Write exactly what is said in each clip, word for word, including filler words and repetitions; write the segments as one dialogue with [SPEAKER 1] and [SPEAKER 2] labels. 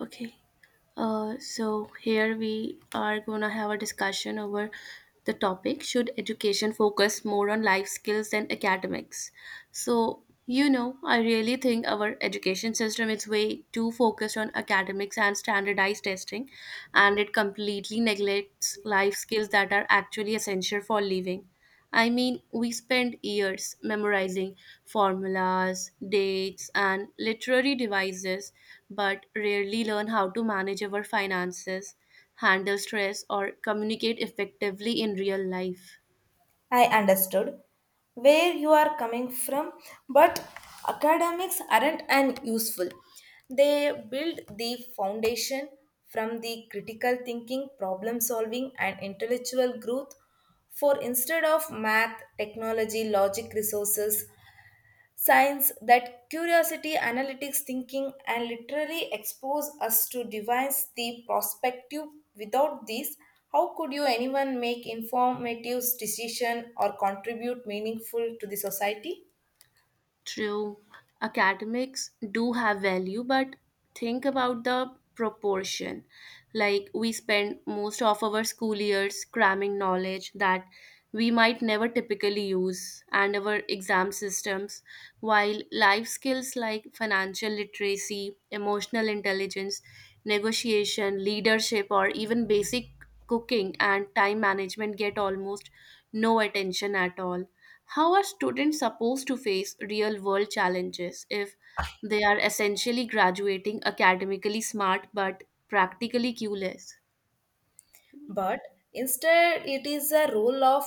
[SPEAKER 1] Okay. Uh, so here we are gonna have a discussion over the topic: Should education focus more on life skills than academics? So you know, I really think our education system is way too focused on academics and standardized testing, and it completely neglects life skills that are actually essential for living. I mean, we spend years memorizing formulas, dates, and literary devices, but rarely learn how to manage our finances, handle stress, or communicate effectively in real life.
[SPEAKER 2] I understood where you are coming from, but academics aren't an useful. They build the foundation from the critical thinking, problem solving, and intellectual growth. For instead of math, technology, logic resources, science that curiosity, analytics thinking, and literally expose us to devise the perspective. Without this, how could you anyone make informative decision or contribute meaningful to the society?
[SPEAKER 1] True, academics do have value, but think about the proportion. Like, we spend most of our school years cramming knowledge that we might never typically use, and our exam systems, while life skills like financial literacy, emotional intelligence, negotiation, leadership, or even basic cooking and time management get almost no attention at all. How are students supposed to face real world challenges if they are essentially graduating academically smart but practically clueless?
[SPEAKER 2] But instead it is a role of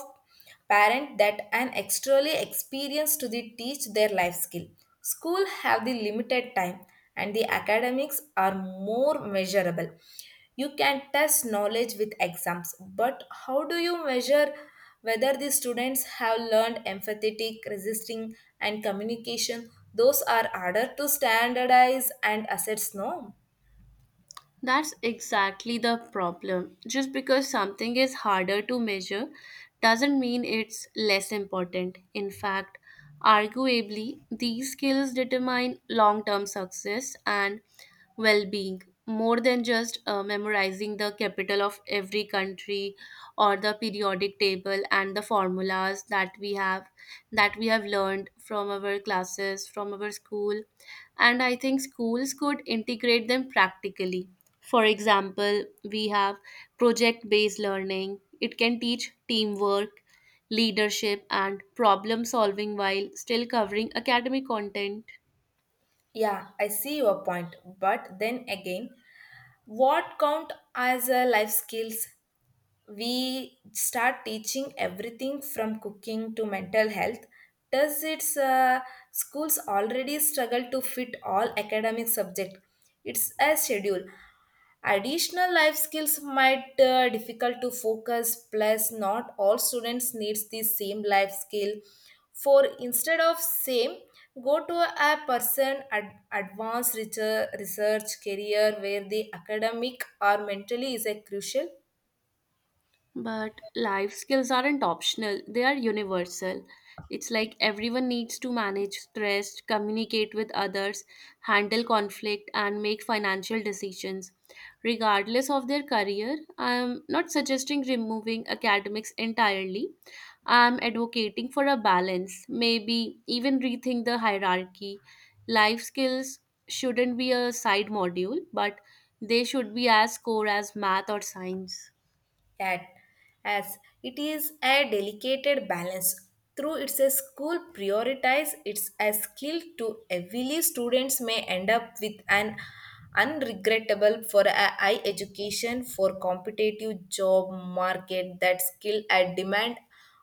[SPEAKER 2] parent that an externally experienced to the teach their life skill, school have the limited time and the academics are more measurable. You can test knowledge with exams, but how do you measure whether the students have learned empathetic resisting and communication? Those are harder to standardize and assess, no?
[SPEAKER 1] That's exactly the problem. Just because something is harder to measure doesn't mean it's less important. In fact, arguably, these skills determine long term success and well being more than just uh, memorizing the capital of every country or the periodic table and the formulas that we have that we have learned from our classes, from our school. And I think schools could integrate them practically. For example, we have project based learning, it can teach teamwork, leadership, and problem solving while still covering academic content.
[SPEAKER 2] Yeah, I see your point. But then again, what count as a life skills? We start teaching everything from cooking to mental health. Does its uh, schools already struggle to fit all academic subject? It's a schedule, additional life skills might uh, difficult to focus. Plus not all students needs the same life skill for instead of same, go to a person ad- advanced research, research career where the academic or mentally is a crucial.
[SPEAKER 1] But life skills aren't optional, they are universal. It's like everyone needs to manage stress, communicate with others, handle conflict, and make financial decisions. Regardless of their career, I'm not suggesting removing academics entirely. I'm advocating for a balance, maybe even rethink the hierarchy. Life skills shouldn't be a side module, but they should be as core as math or science.
[SPEAKER 2] That, as it is a delicate balance, through its a school prioritize it's a skill to heavily, students may end up with an unregrettable for a high education for competitive job market that skill at demand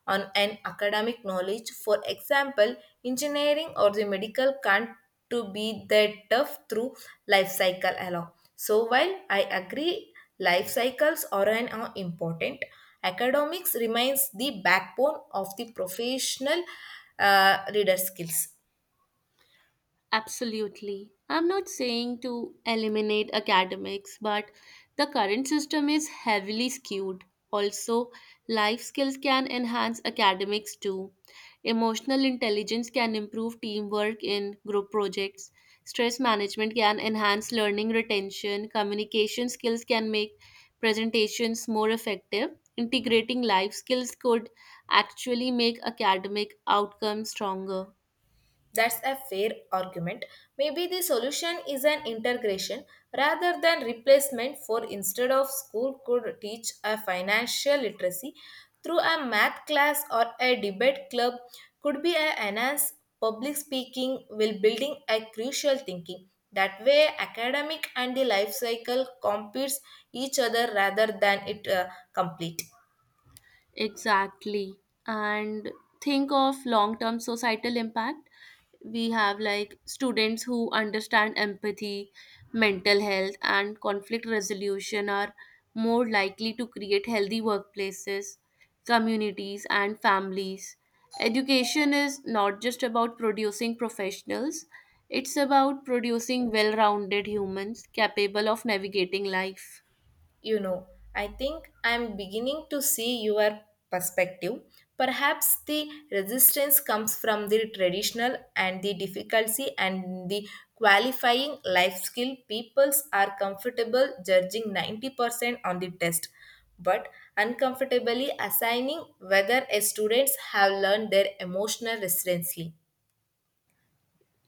[SPEAKER 2] on an academic knowledge. For example, engineering or the medical can't to be that tough through life cycle alone. So while I agree life cycles are an are important, academics remains the backbone of the professional uh, reader skills.
[SPEAKER 1] Absolutely. I'm not saying to eliminate academics, but the current system is heavily skewed. Also, life skills can enhance academics too. Emotional intelligence can improve teamwork in group projects. Stress management can enhance learning retention. Communication skills can make presentations more effective. Integrating life skills could actually make academic outcomes stronger.
[SPEAKER 2] That's a fair argument. Maybe the solution is an integration rather than replacement. For instead of school could teach a financial literacy through a math class, or a debate club could be a enhance public speaking will building a crucial thinking. That way academic and the life cycle competes each other rather than it uh, complete.
[SPEAKER 1] Exactly. And think of long term societal impact. We have like students who understand empathy, mental health, and conflict resolution are more likely to create healthy workplaces, communities, and families. Education is not just about producing professionals, it's about producing well rounded humans capable of navigating life.
[SPEAKER 2] You know, I think I'm beginning to see your perspective. Perhaps the resistance comes from the traditional and the difficulty and the qualifying life skill. Peoples are comfortable judging ninety percent on the test, but uncomfortably assigning whether a students have learned their emotional resiliency.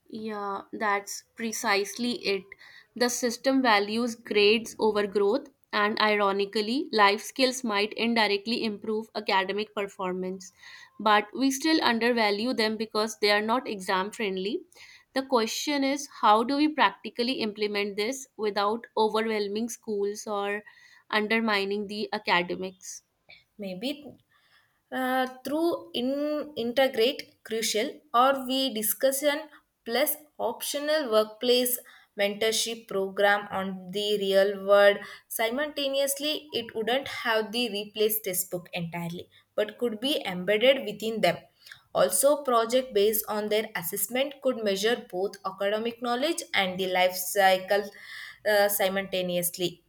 [SPEAKER 1] Yeah, that's precisely it. The system values grades over growth, and ironically, life skills might indirectly improve academic performance, but we still undervalue them because they are not exam friendly. The question is, how do we practically implement this without overwhelming schools or undermining the academics?
[SPEAKER 2] Maybe uh, through in integrate crucial or we discussion plus optional workplace mentorship program on the real world simultaneously, it wouldn't have the replace textbook entirely, but could be embedded within them. Also, project based on their assessment could measure both academic knowledge and the life cycle, uh, simultaneously.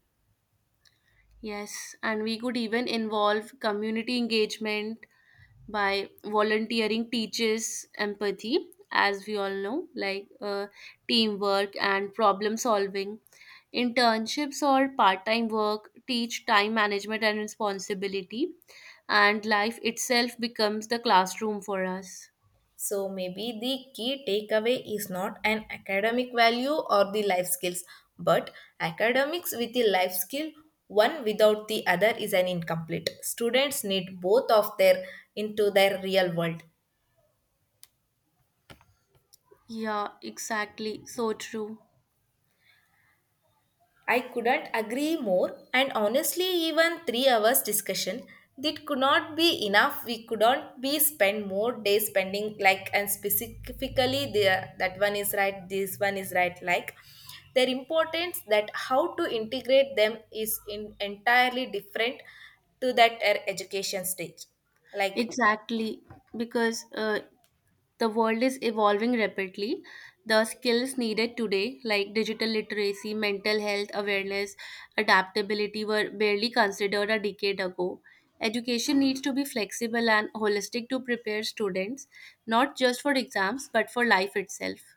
[SPEAKER 1] Yes, and we could even involve community engagement by volunteering teaches empathy, as we all know, like uh, teamwork and problem solving, internships or part-time work teach time management and responsibility, and life itself becomes the classroom for us.
[SPEAKER 2] So maybe the key takeaway is not an academic value or the life skills, but academics with the life skill. One without the other is an incomplete. Students need both of their into their real world.
[SPEAKER 1] Yeah, exactly, so true.
[SPEAKER 2] I couldn't agree more, and honestly, even three hours discussion that could not be enough. We couldn't be spend more days spending like, and specifically the that one is right, this one is right. Like, their importance that how to integrate them is in entirely different to that uh, education stage. Like,
[SPEAKER 1] Exactly, because uh, The world is evolving rapidly. The skills needed today, like digital literacy, mental health awareness, adaptability, were barely considered a decade ago. Education needs to be flexible and holistic to prepare students, not just for exams, but for life itself.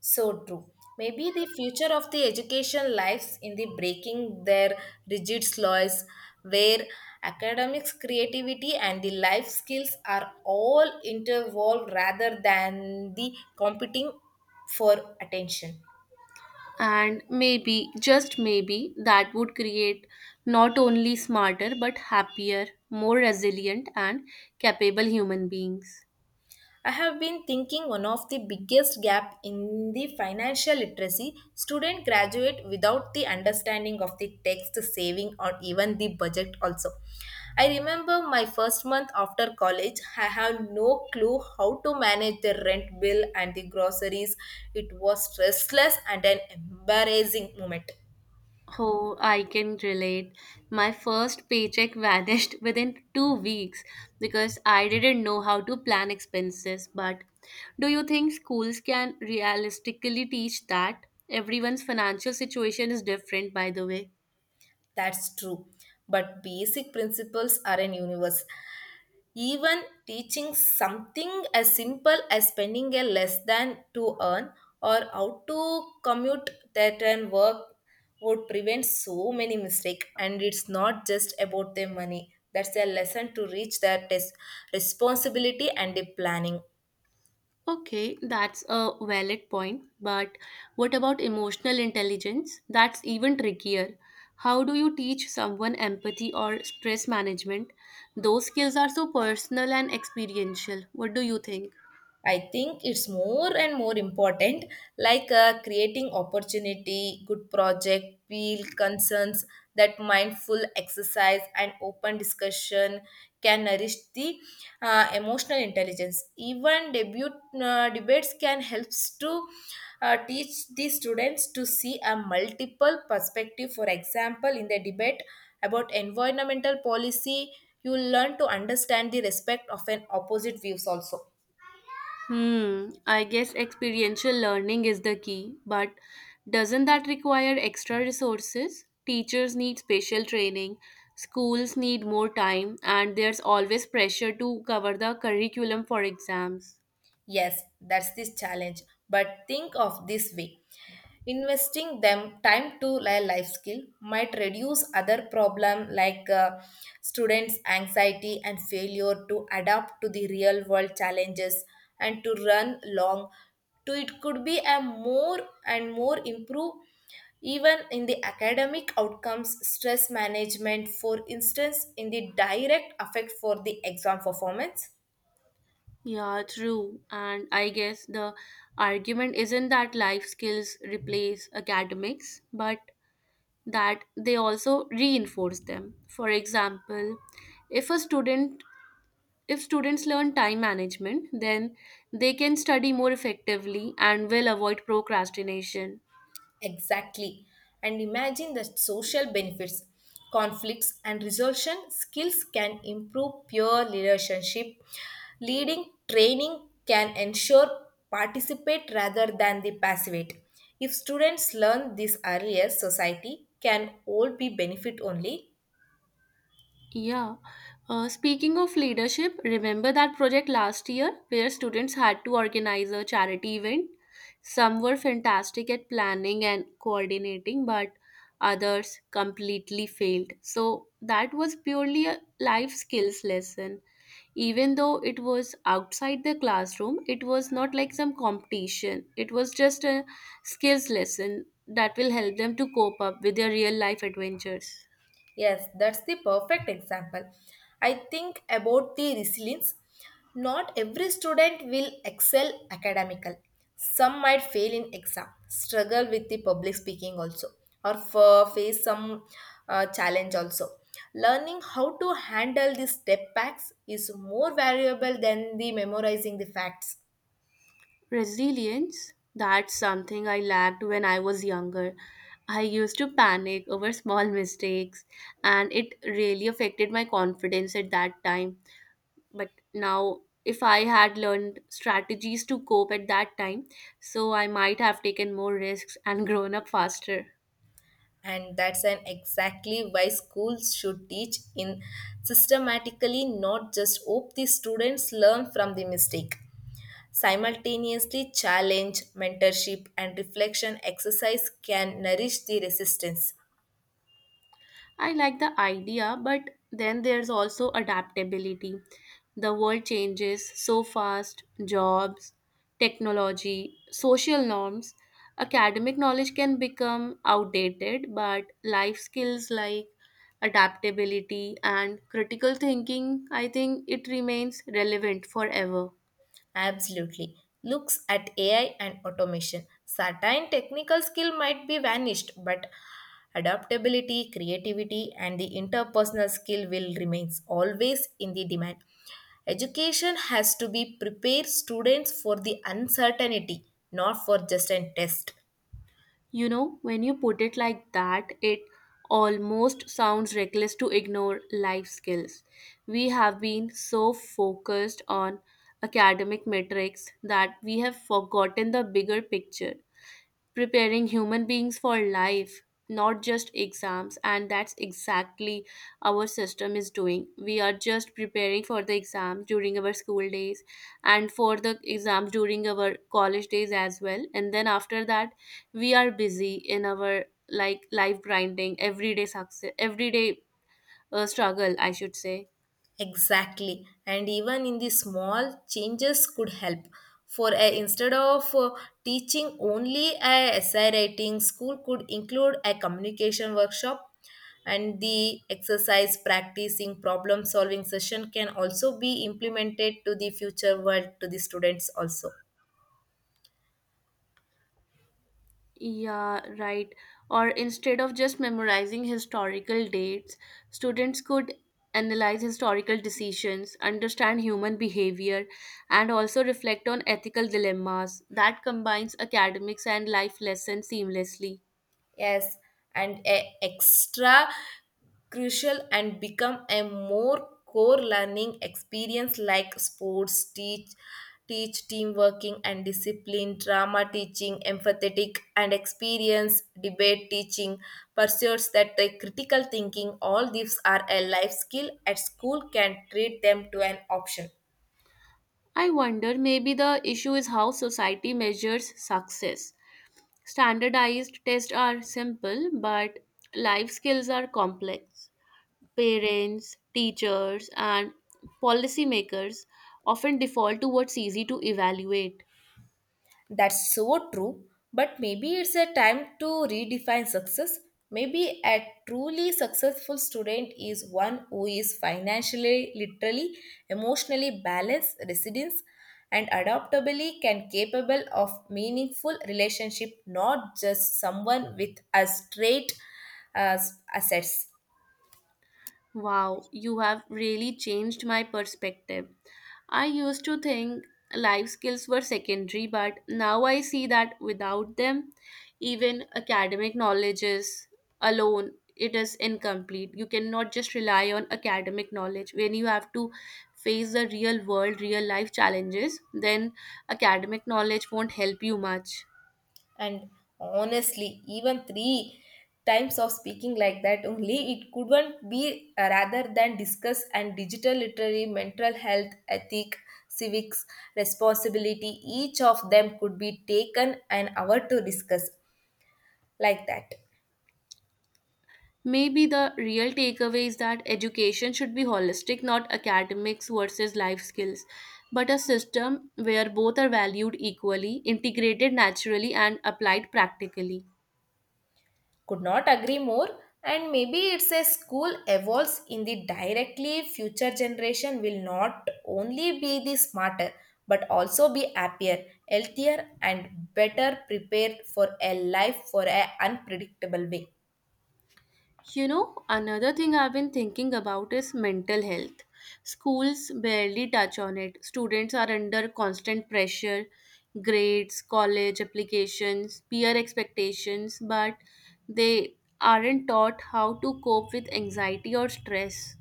[SPEAKER 2] so true. Maybe the future of the education lies in the breaking their rigid slots where academics, creativity, and the life skills are all interwoven rather than the competing for attention.
[SPEAKER 1] And maybe, just maybe, that would create not only smarter, but happier, more resilient, and capable human beings.
[SPEAKER 2] I have been thinking one of the biggest gap in the financial literacy, student graduate without the understanding of the text saving or even the budget also. I remember my first month after college, I have no clue how to manage the rent bill and the groceries. It was stressless and an embarrassing moment.
[SPEAKER 1] Oh, I can relate. My first paycheck vanished within two weeks because I didn't know how to plan expenses. But do you think schools can realistically teach that? Everyone's financial situation is different, by the way.
[SPEAKER 2] That's true. But basic principles are in universe. Even teaching something as simple as spending a less than to earn, or how to commute that and work, would prevent so many mistakes. And it's not just about the money. That's a lesson to reach that is responsibility and the planning.
[SPEAKER 1] Okay, that's a valid point. But what about emotional intelligence? That's even trickier. How do you teach someone empathy or stress management? Those skills are so personal and experiential. What do you think?
[SPEAKER 2] I think it's more and more important, like uh, creating opportunity, good project, feel concerns that mindful exercise and open discussion can nourish the uh, emotional intelligence. Even debut uh, debates can helps to uh, teach the students to see a multiple perspective. For example, in the debate about environmental policy, you learn to understand the respect of an opposite views also.
[SPEAKER 1] Hmm, I guess experiential learning is the key, but doesn't that require extra resources? Teachers need special training, schools need more time, and there's always pressure to cover the curriculum for exams.
[SPEAKER 2] Yes, that's this challenge. But think of this way. Investing them time to a life skill might reduce other problem like uh, students' anxiety and failure to adapt to the real world challenges and to run long. To it could be a more and more improve even in the academic outcomes. Stress management, for instance, in the direct effect for the exam performance.
[SPEAKER 1] Yeah, true. And I guess the argument isn't that life skills replace academics, but that they also reinforce them. For example, if a student If students learn time management, then they can study more effectively and will avoid procrastination.
[SPEAKER 2] Exactly. And imagine the social benefits, conflicts, and resolution skills can improve peer relationship. Leading training can ensure participate rather than the passivate. If students learn this earlier, society can all be benefit only.
[SPEAKER 1] Yeah. Uh, speaking of leadership, remember that project last year where students had to organize a charity event? Some were fantastic at planning and coordinating, but others completely failed. So that was purely a life skills lesson. Even though it was outside the classroom, it was not like some competition, it was just a skills lesson that will help them to cope up with their real life adventures.
[SPEAKER 2] Yes, that's the perfect example. I think about the resilience. Not every student will excel academical. Some might fail in exam, struggle with the public speaking also, or f- face some uh, challenge also. Learning how to handle the step backs is more valuable than the memorizing the facts.
[SPEAKER 1] Resilience, that's something I lacked when I was younger. I used to panic over small mistakes, and it really affected my confidence at that time. But now, if I had learned strategies to cope at that time, so I might have taken more risks and grown up faster.
[SPEAKER 2] And that's an exactly why schools should teach in systematically, not just hope the students learn from the mistake. Simultaneously, challenge mentorship and reflection exercise can nourish the resistance.
[SPEAKER 1] I like the idea, but then there's also adaptability. The world changes so fast, jobs, technology, social norms. Academic knowledge can become outdated, but life skills like adaptability and critical thinking, I think it remains relevant forever.
[SPEAKER 2] Absolutely. Looks at A I and automation. Certain technical skill might be vanished, but adaptability, creativity, and the interpersonal skill will remains always in the demand. Education has to be prepare students for the uncertainty, not for just a test.
[SPEAKER 1] You know, when you put it like that, it almost sounds reckless to ignore life skills. We have been so focused on academic metrics that we have forgotten the bigger picture, preparing human beings for life, not just exams. And that's exactly our system is doing. We are just preparing for the exam during our school days, and for the exam during our college days as well. And then after that, we are busy in our like life, grinding everyday success, everyday uh, struggle, I should say.
[SPEAKER 2] Exactly. And even in the small changes could help. For a, instead of uh, teaching only a essay writing, school could include a communication workshop and the exercise practicing problem solving session can also be implemented to the future world to the students also.
[SPEAKER 1] Yeah, right. Or instead of just memorizing historical dates, students could analyze historical decisions, understand human behavior, and also reflect on ethical dilemmas. That combines academics and life lessons seamlessly.
[SPEAKER 2] Yes, and a extra crucial and become a more core learning experience, like sports teach teach team working and discipline, drama teaching empathetic and experience, debate teaching pursuits that the critical thinking. All these are a life skill at school can treat them to an option.
[SPEAKER 1] I wonder, maybe the issue is how society measures success. Standardized tests are simple, but life skills are complex. Parents, teachers, and policymakers often default to what's easy to evaluate.
[SPEAKER 2] That's so true. But maybe it's a time to redefine success. Maybe a truly successful student is one who is financially, literally, emotionally balanced, resilient, and adaptably can capable of meaningful relationship, not just someone with a straight uh, assets.
[SPEAKER 1] Wow, you have really changed my perspective. I used to think life skills were secondary, but now I see that without them, even academic knowledge is alone, it is incomplete. You cannot just rely on academic knowledge when you have to face the real world real life challenges. Then academic knowledge won't help you much.
[SPEAKER 2] And honestly, even three times of speaking like that only, it couldn't be uh, rather than discuss and digital literary, mental health, ethic, civics, responsibility. Each of them could be taken an hour to discuss like that.
[SPEAKER 1] Maybe the real takeaway is that education should be holistic, not academics versus life skills, but a system where both are valued equally, integrated naturally, and applied practically.
[SPEAKER 2] Could not agree more. And maybe it's a school evolves in the directly future generation will not only be the smarter, but also be happier, healthier, and better prepared for a life for a unpredictable way.
[SPEAKER 1] You know, another thing I've been thinking about is mental health. Schools barely touch on it. Students are under constant pressure, grades, college applications, peer expectations, but they aren't taught how to cope with anxiety or stress.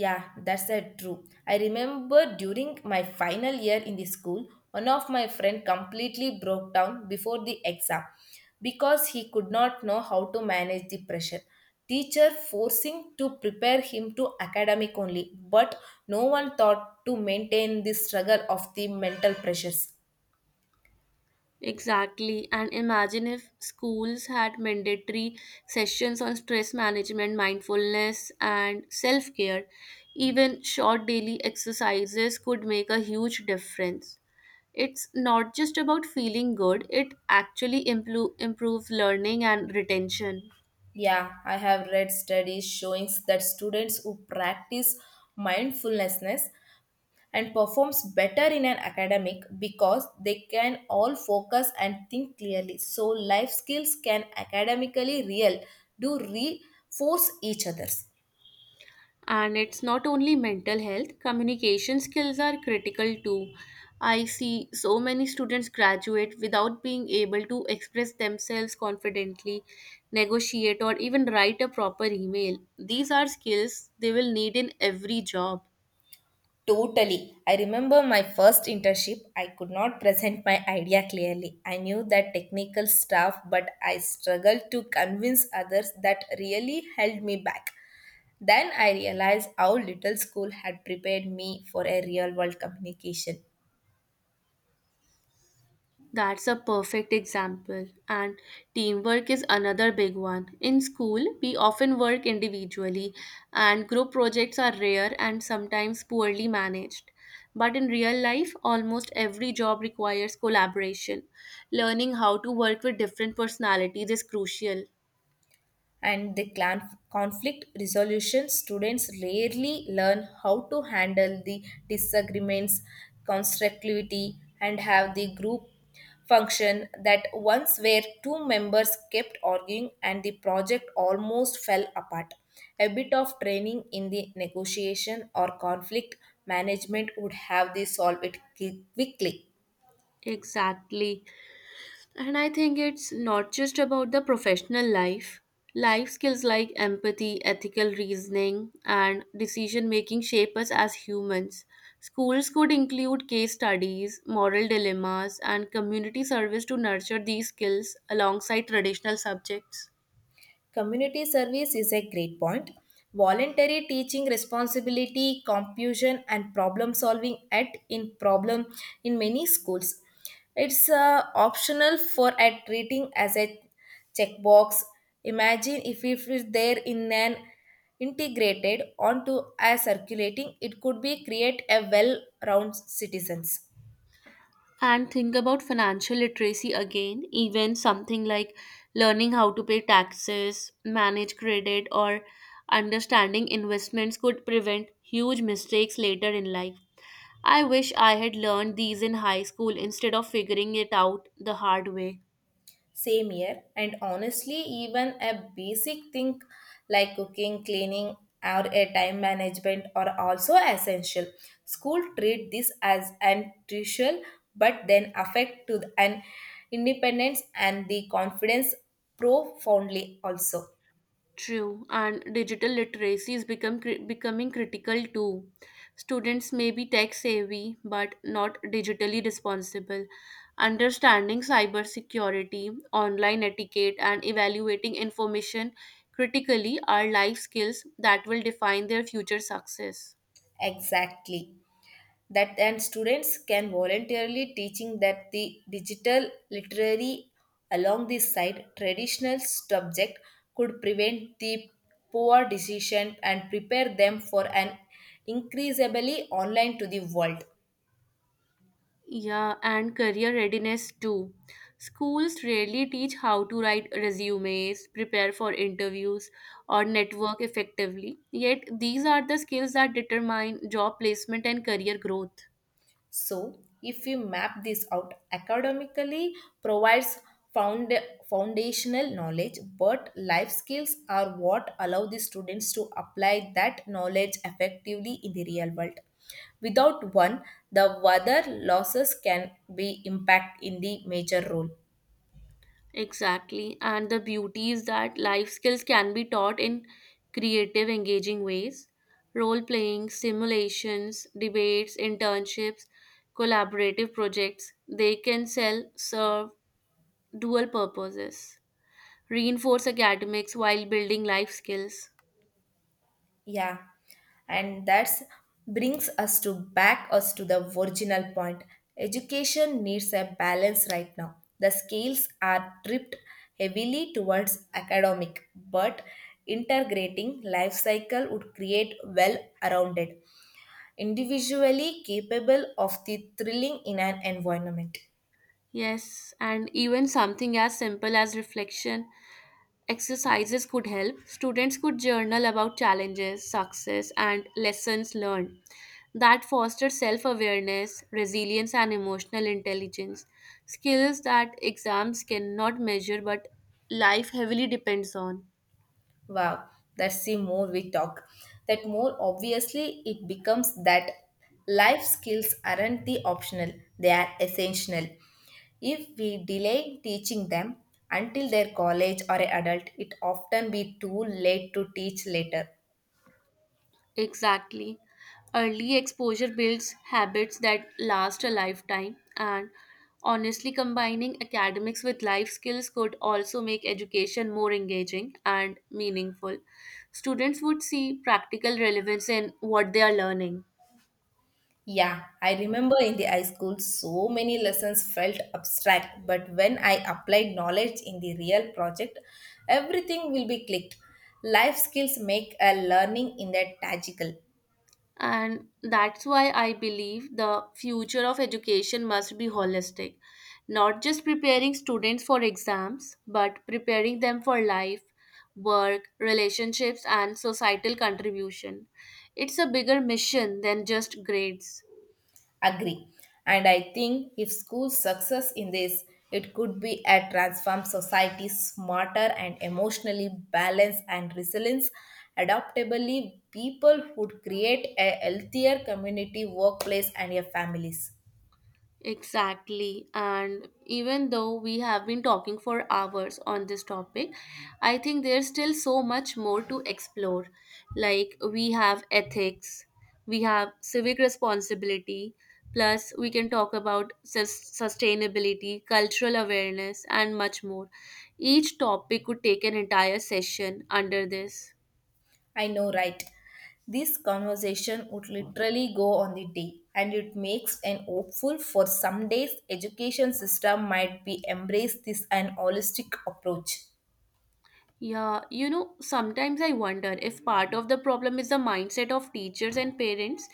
[SPEAKER 2] Yeah, that's a true. I remember during my final year in the school, one of my friend completely broke down before the exam because he could not know how to manage the pressure. Teacher forcing to prepare him to academic only, but no one thought to maintain the struggle of the mental pressures.
[SPEAKER 1] Exactly. And imagine if schools had mandatory sessions on stress management, mindfulness, and self care. Even short daily exercises could make a huge difference. It's not just about feeling good, it actually impro- improves learning and retention.
[SPEAKER 2] Yeah, I have read studies showing that students who practice mindfulness and performs better in an academic because they can all focus and think clearly, so life skills can academically real do reinforce each others.
[SPEAKER 1] And it's not only mental health, communication skills are critical too. I see so many students graduate without being able to express themselves confidently, negotiate, or even write a proper email. These are skills they will need in every job.
[SPEAKER 2] Totally. I remember my first internship. I could not present my idea clearly. I knew that technical stuff, but I struggled to convince others that really held me back. Then I realized how little school had prepared me for a real world communication.
[SPEAKER 1] That's a perfect example. And teamwork is another big one. In school, we often work individually, and group projects are rare and sometimes poorly managed. But in real life, almost every job requires collaboration. Learning how to work with different personalities is crucial.
[SPEAKER 2] And the clan conflict resolution, students rarely learn how to handle the disagreements constructively and have the group function, that once where two members kept arguing and the project almost fell apart. A bit of training in the negotiation or conflict management would have the solve it qui- quickly.
[SPEAKER 1] Exactly. And I think it's not just about the professional life. Life skills like empathy, ethical reasoning, and decision making shape us as humans. Schools could include case studies, moral dilemmas, and community service to nurture these skills alongside traditional subjects.
[SPEAKER 2] Community service is a great point. Voluntary teaching responsibility, confusion, and problem solving at in problem in many schools. It's uh, optional for at treating as a checkbox. Imagine if it is there in an integrated onto a circulating, it could be create a well-rounded citizens.
[SPEAKER 1] And think about financial literacy again, even something like learning how to pay taxes, manage credit, or understanding investments could prevent huge mistakes later in life. I wish I had learned these in high school instead of figuring it out the hard way.
[SPEAKER 2] Same here, and honestly, even a basic thing like cooking, cleaning, or a time management are also essential. School treat this as an crucial, but then affect to the- an independence and the confidence profoundly also.
[SPEAKER 1] True, and digital literacy is become cri- becoming critical too. Students may be tech savvy but not digitally responsible. Understanding cybersecurity, online etiquette, and evaluating information critically are life skills that will define their future success.
[SPEAKER 2] Exactly. That and students can voluntarily teaching that the digital literary along this side traditional subject could prevent the poor decision and prepare them for an increasingly online to the world.
[SPEAKER 1] Yeah, and career readiness too. Schools rarely teach how to write resumes, prepare for interviews, or network effectively. Yet, these are the skills that determine job placement and career growth.
[SPEAKER 2] So, if we map this out academically, provides found, foundational knowledge, but life skills are what allow the students to apply that knowledge effectively in the real world. Without one, the other losses can be impact in the major role.
[SPEAKER 1] Exactly. And the beauty is that life skills can be taught in creative, engaging ways. Role playing, simulations, debates, internships, collaborative projects, they can sell, serve dual purposes. Reinforce academics while building life skills.
[SPEAKER 2] Yeah, and that's brings us to back us to the original point. Education needs a balance. Right now, the scales are tipped heavily towards academic, but integrating life cycle would create well-rounded, individually capable of the thrilling in an environment.
[SPEAKER 1] Yes, and even something as simple as reflection exercises could help. Students could journal about challenges, success, and lessons learned that foster self awareness, resilience, and emotional intelligence. Skills that exams cannot measure but life heavily depends on.
[SPEAKER 2] Wow, that's the more we talk, that more obviously it becomes that life skills aren't the optional, they are essential. If we delay teaching them until their college or adult, it often be too late to teach later.
[SPEAKER 1] Exactly. Early exposure builds habits that last a lifetime, and honestly, combining academics with life skills could also make education more engaging and meaningful. Students would see practical relevance in what they are learning.
[SPEAKER 2] Yeah, I remember in the high school so many lessons felt abstract, but when I applied knowledge in the real project, everything will be clicked. Life skills make a learning in that tangible.
[SPEAKER 1] And that's why I believe the future of education must be holistic, not just preparing students for exams, but preparing them for life, work, relationships, and societal contribution. It's a bigger mission than just grades.
[SPEAKER 2] Agree. And I think if schools success in this, it could be a transform society smarter and emotionally balanced and resilience. Adaptably, people would create a healthier community, workplace, and your families.
[SPEAKER 1] Exactly. And even though we have been talking for hours on this topic, I think there's still so much more to explore. Like, we have ethics, we have civic responsibility, plus, we can talk about sus- sustainability, cultural awareness, and much more. Each topic could take an entire session under this.
[SPEAKER 2] I know, right? This conversation would literally go on the day, and it makes an hopeful for some days education system might be embrace this an holistic approach.
[SPEAKER 1] Yeah, you know, sometimes I wonder if part of the problem is the mindset of teachers and parents.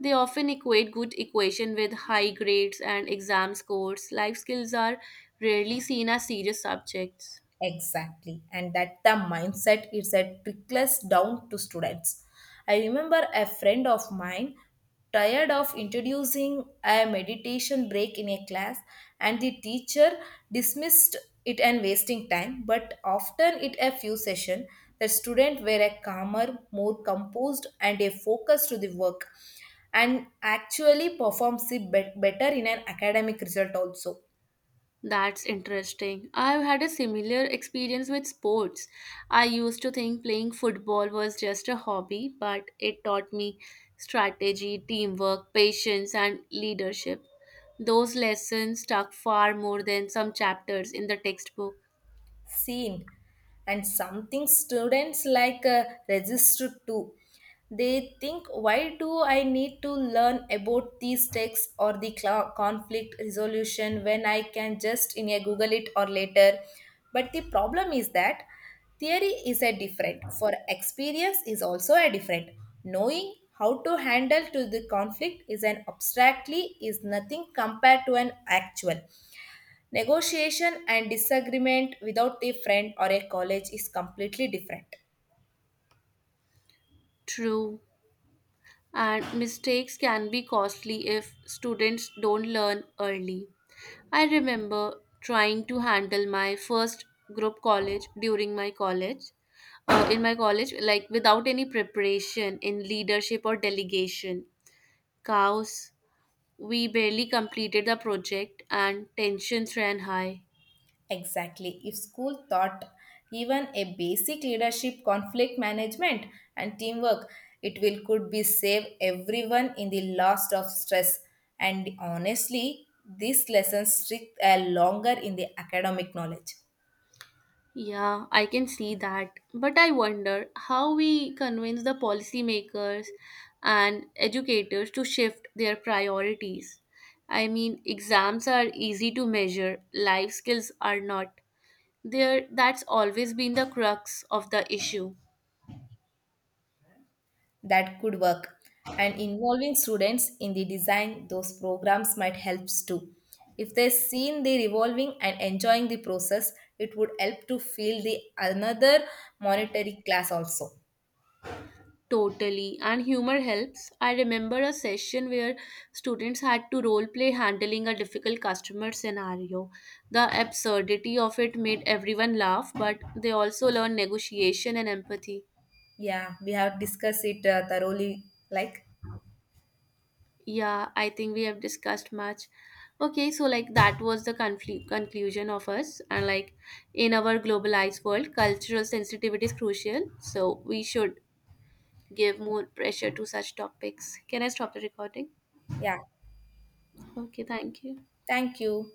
[SPEAKER 1] They often equate good equation with high grades and exam scores. Life skills are rarely seen as serious subjects.
[SPEAKER 2] Exactly. And that the mindset is a trickles down to students. I remember a friend of mine tired of introducing a meditation break in a class, and the teacher dismissed it and wasting time. But after it a few session, the student were a calmer, more composed and a focus to the work, and actually performs it bet- better in an academic result also.
[SPEAKER 1] That's interesting. I've had a similar experience with sports. I used to think playing football was just a hobby, but it taught me strategy, teamwork, patience, and leadership. Those lessons stuck far more than some chapters in the textbook.
[SPEAKER 2] Seen. And something students like uh, register to, they think why do I need to learn about these texts or the cl- conflict resolution when I can just in a google it or later. But the problem is that theory is a different for experience is also a different. Knowing how to handle to the conflict is an abstractly is nothing compared to an actual negotiation and disagreement without a friend or a college is completely different.
[SPEAKER 1] True. And mistakes can be costly if students don't learn early. I remember trying to handle my first group college during my college, uh, in my college, like without any preparation in leadership or delegation. Chaos. We barely completed the project and tensions ran high.
[SPEAKER 2] Exactly. If school taught even a basic leadership, conflict management, and teamwork, it will could be save everyone in the last of stress. And honestly, these lessons stick uh, longer in the academic knowledge.
[SPEAKER 1] Yeah, I can see that. But I wonder how we convince the policymakers and educators to shift their priorities. I mean, exams are easy to measure, life skills are not. There, that's always been the crux of the issue.
[SPEAKER 2] That could work. And involving students in the design those programs might helps too. If they seen the revolving and enjoying the process, it would help to feel the another monetary class also.
[SPEAKER 1] Totally. And humor helps. I remember a session where students had to role play handling a difficult customer scenario. The absurdity of it made everyone laugh, but they also learned negotiation and empathy.
[SPEAKER 2] Yeah, we have discussed it uh, thoroughly. Like,
[SPEAKER 1] Yeah, I think we have discussed much. Okay, so like that was the conflu- conclusion of us. And like in our globalized world, cultural sensitivity is crucial. So we should give more pressure to such topics. Can I stop the recording?
[SPEAKER 2] yeah,
[SPEAKER 1] Okay, thank you.
[SPEAKER 2] thank you.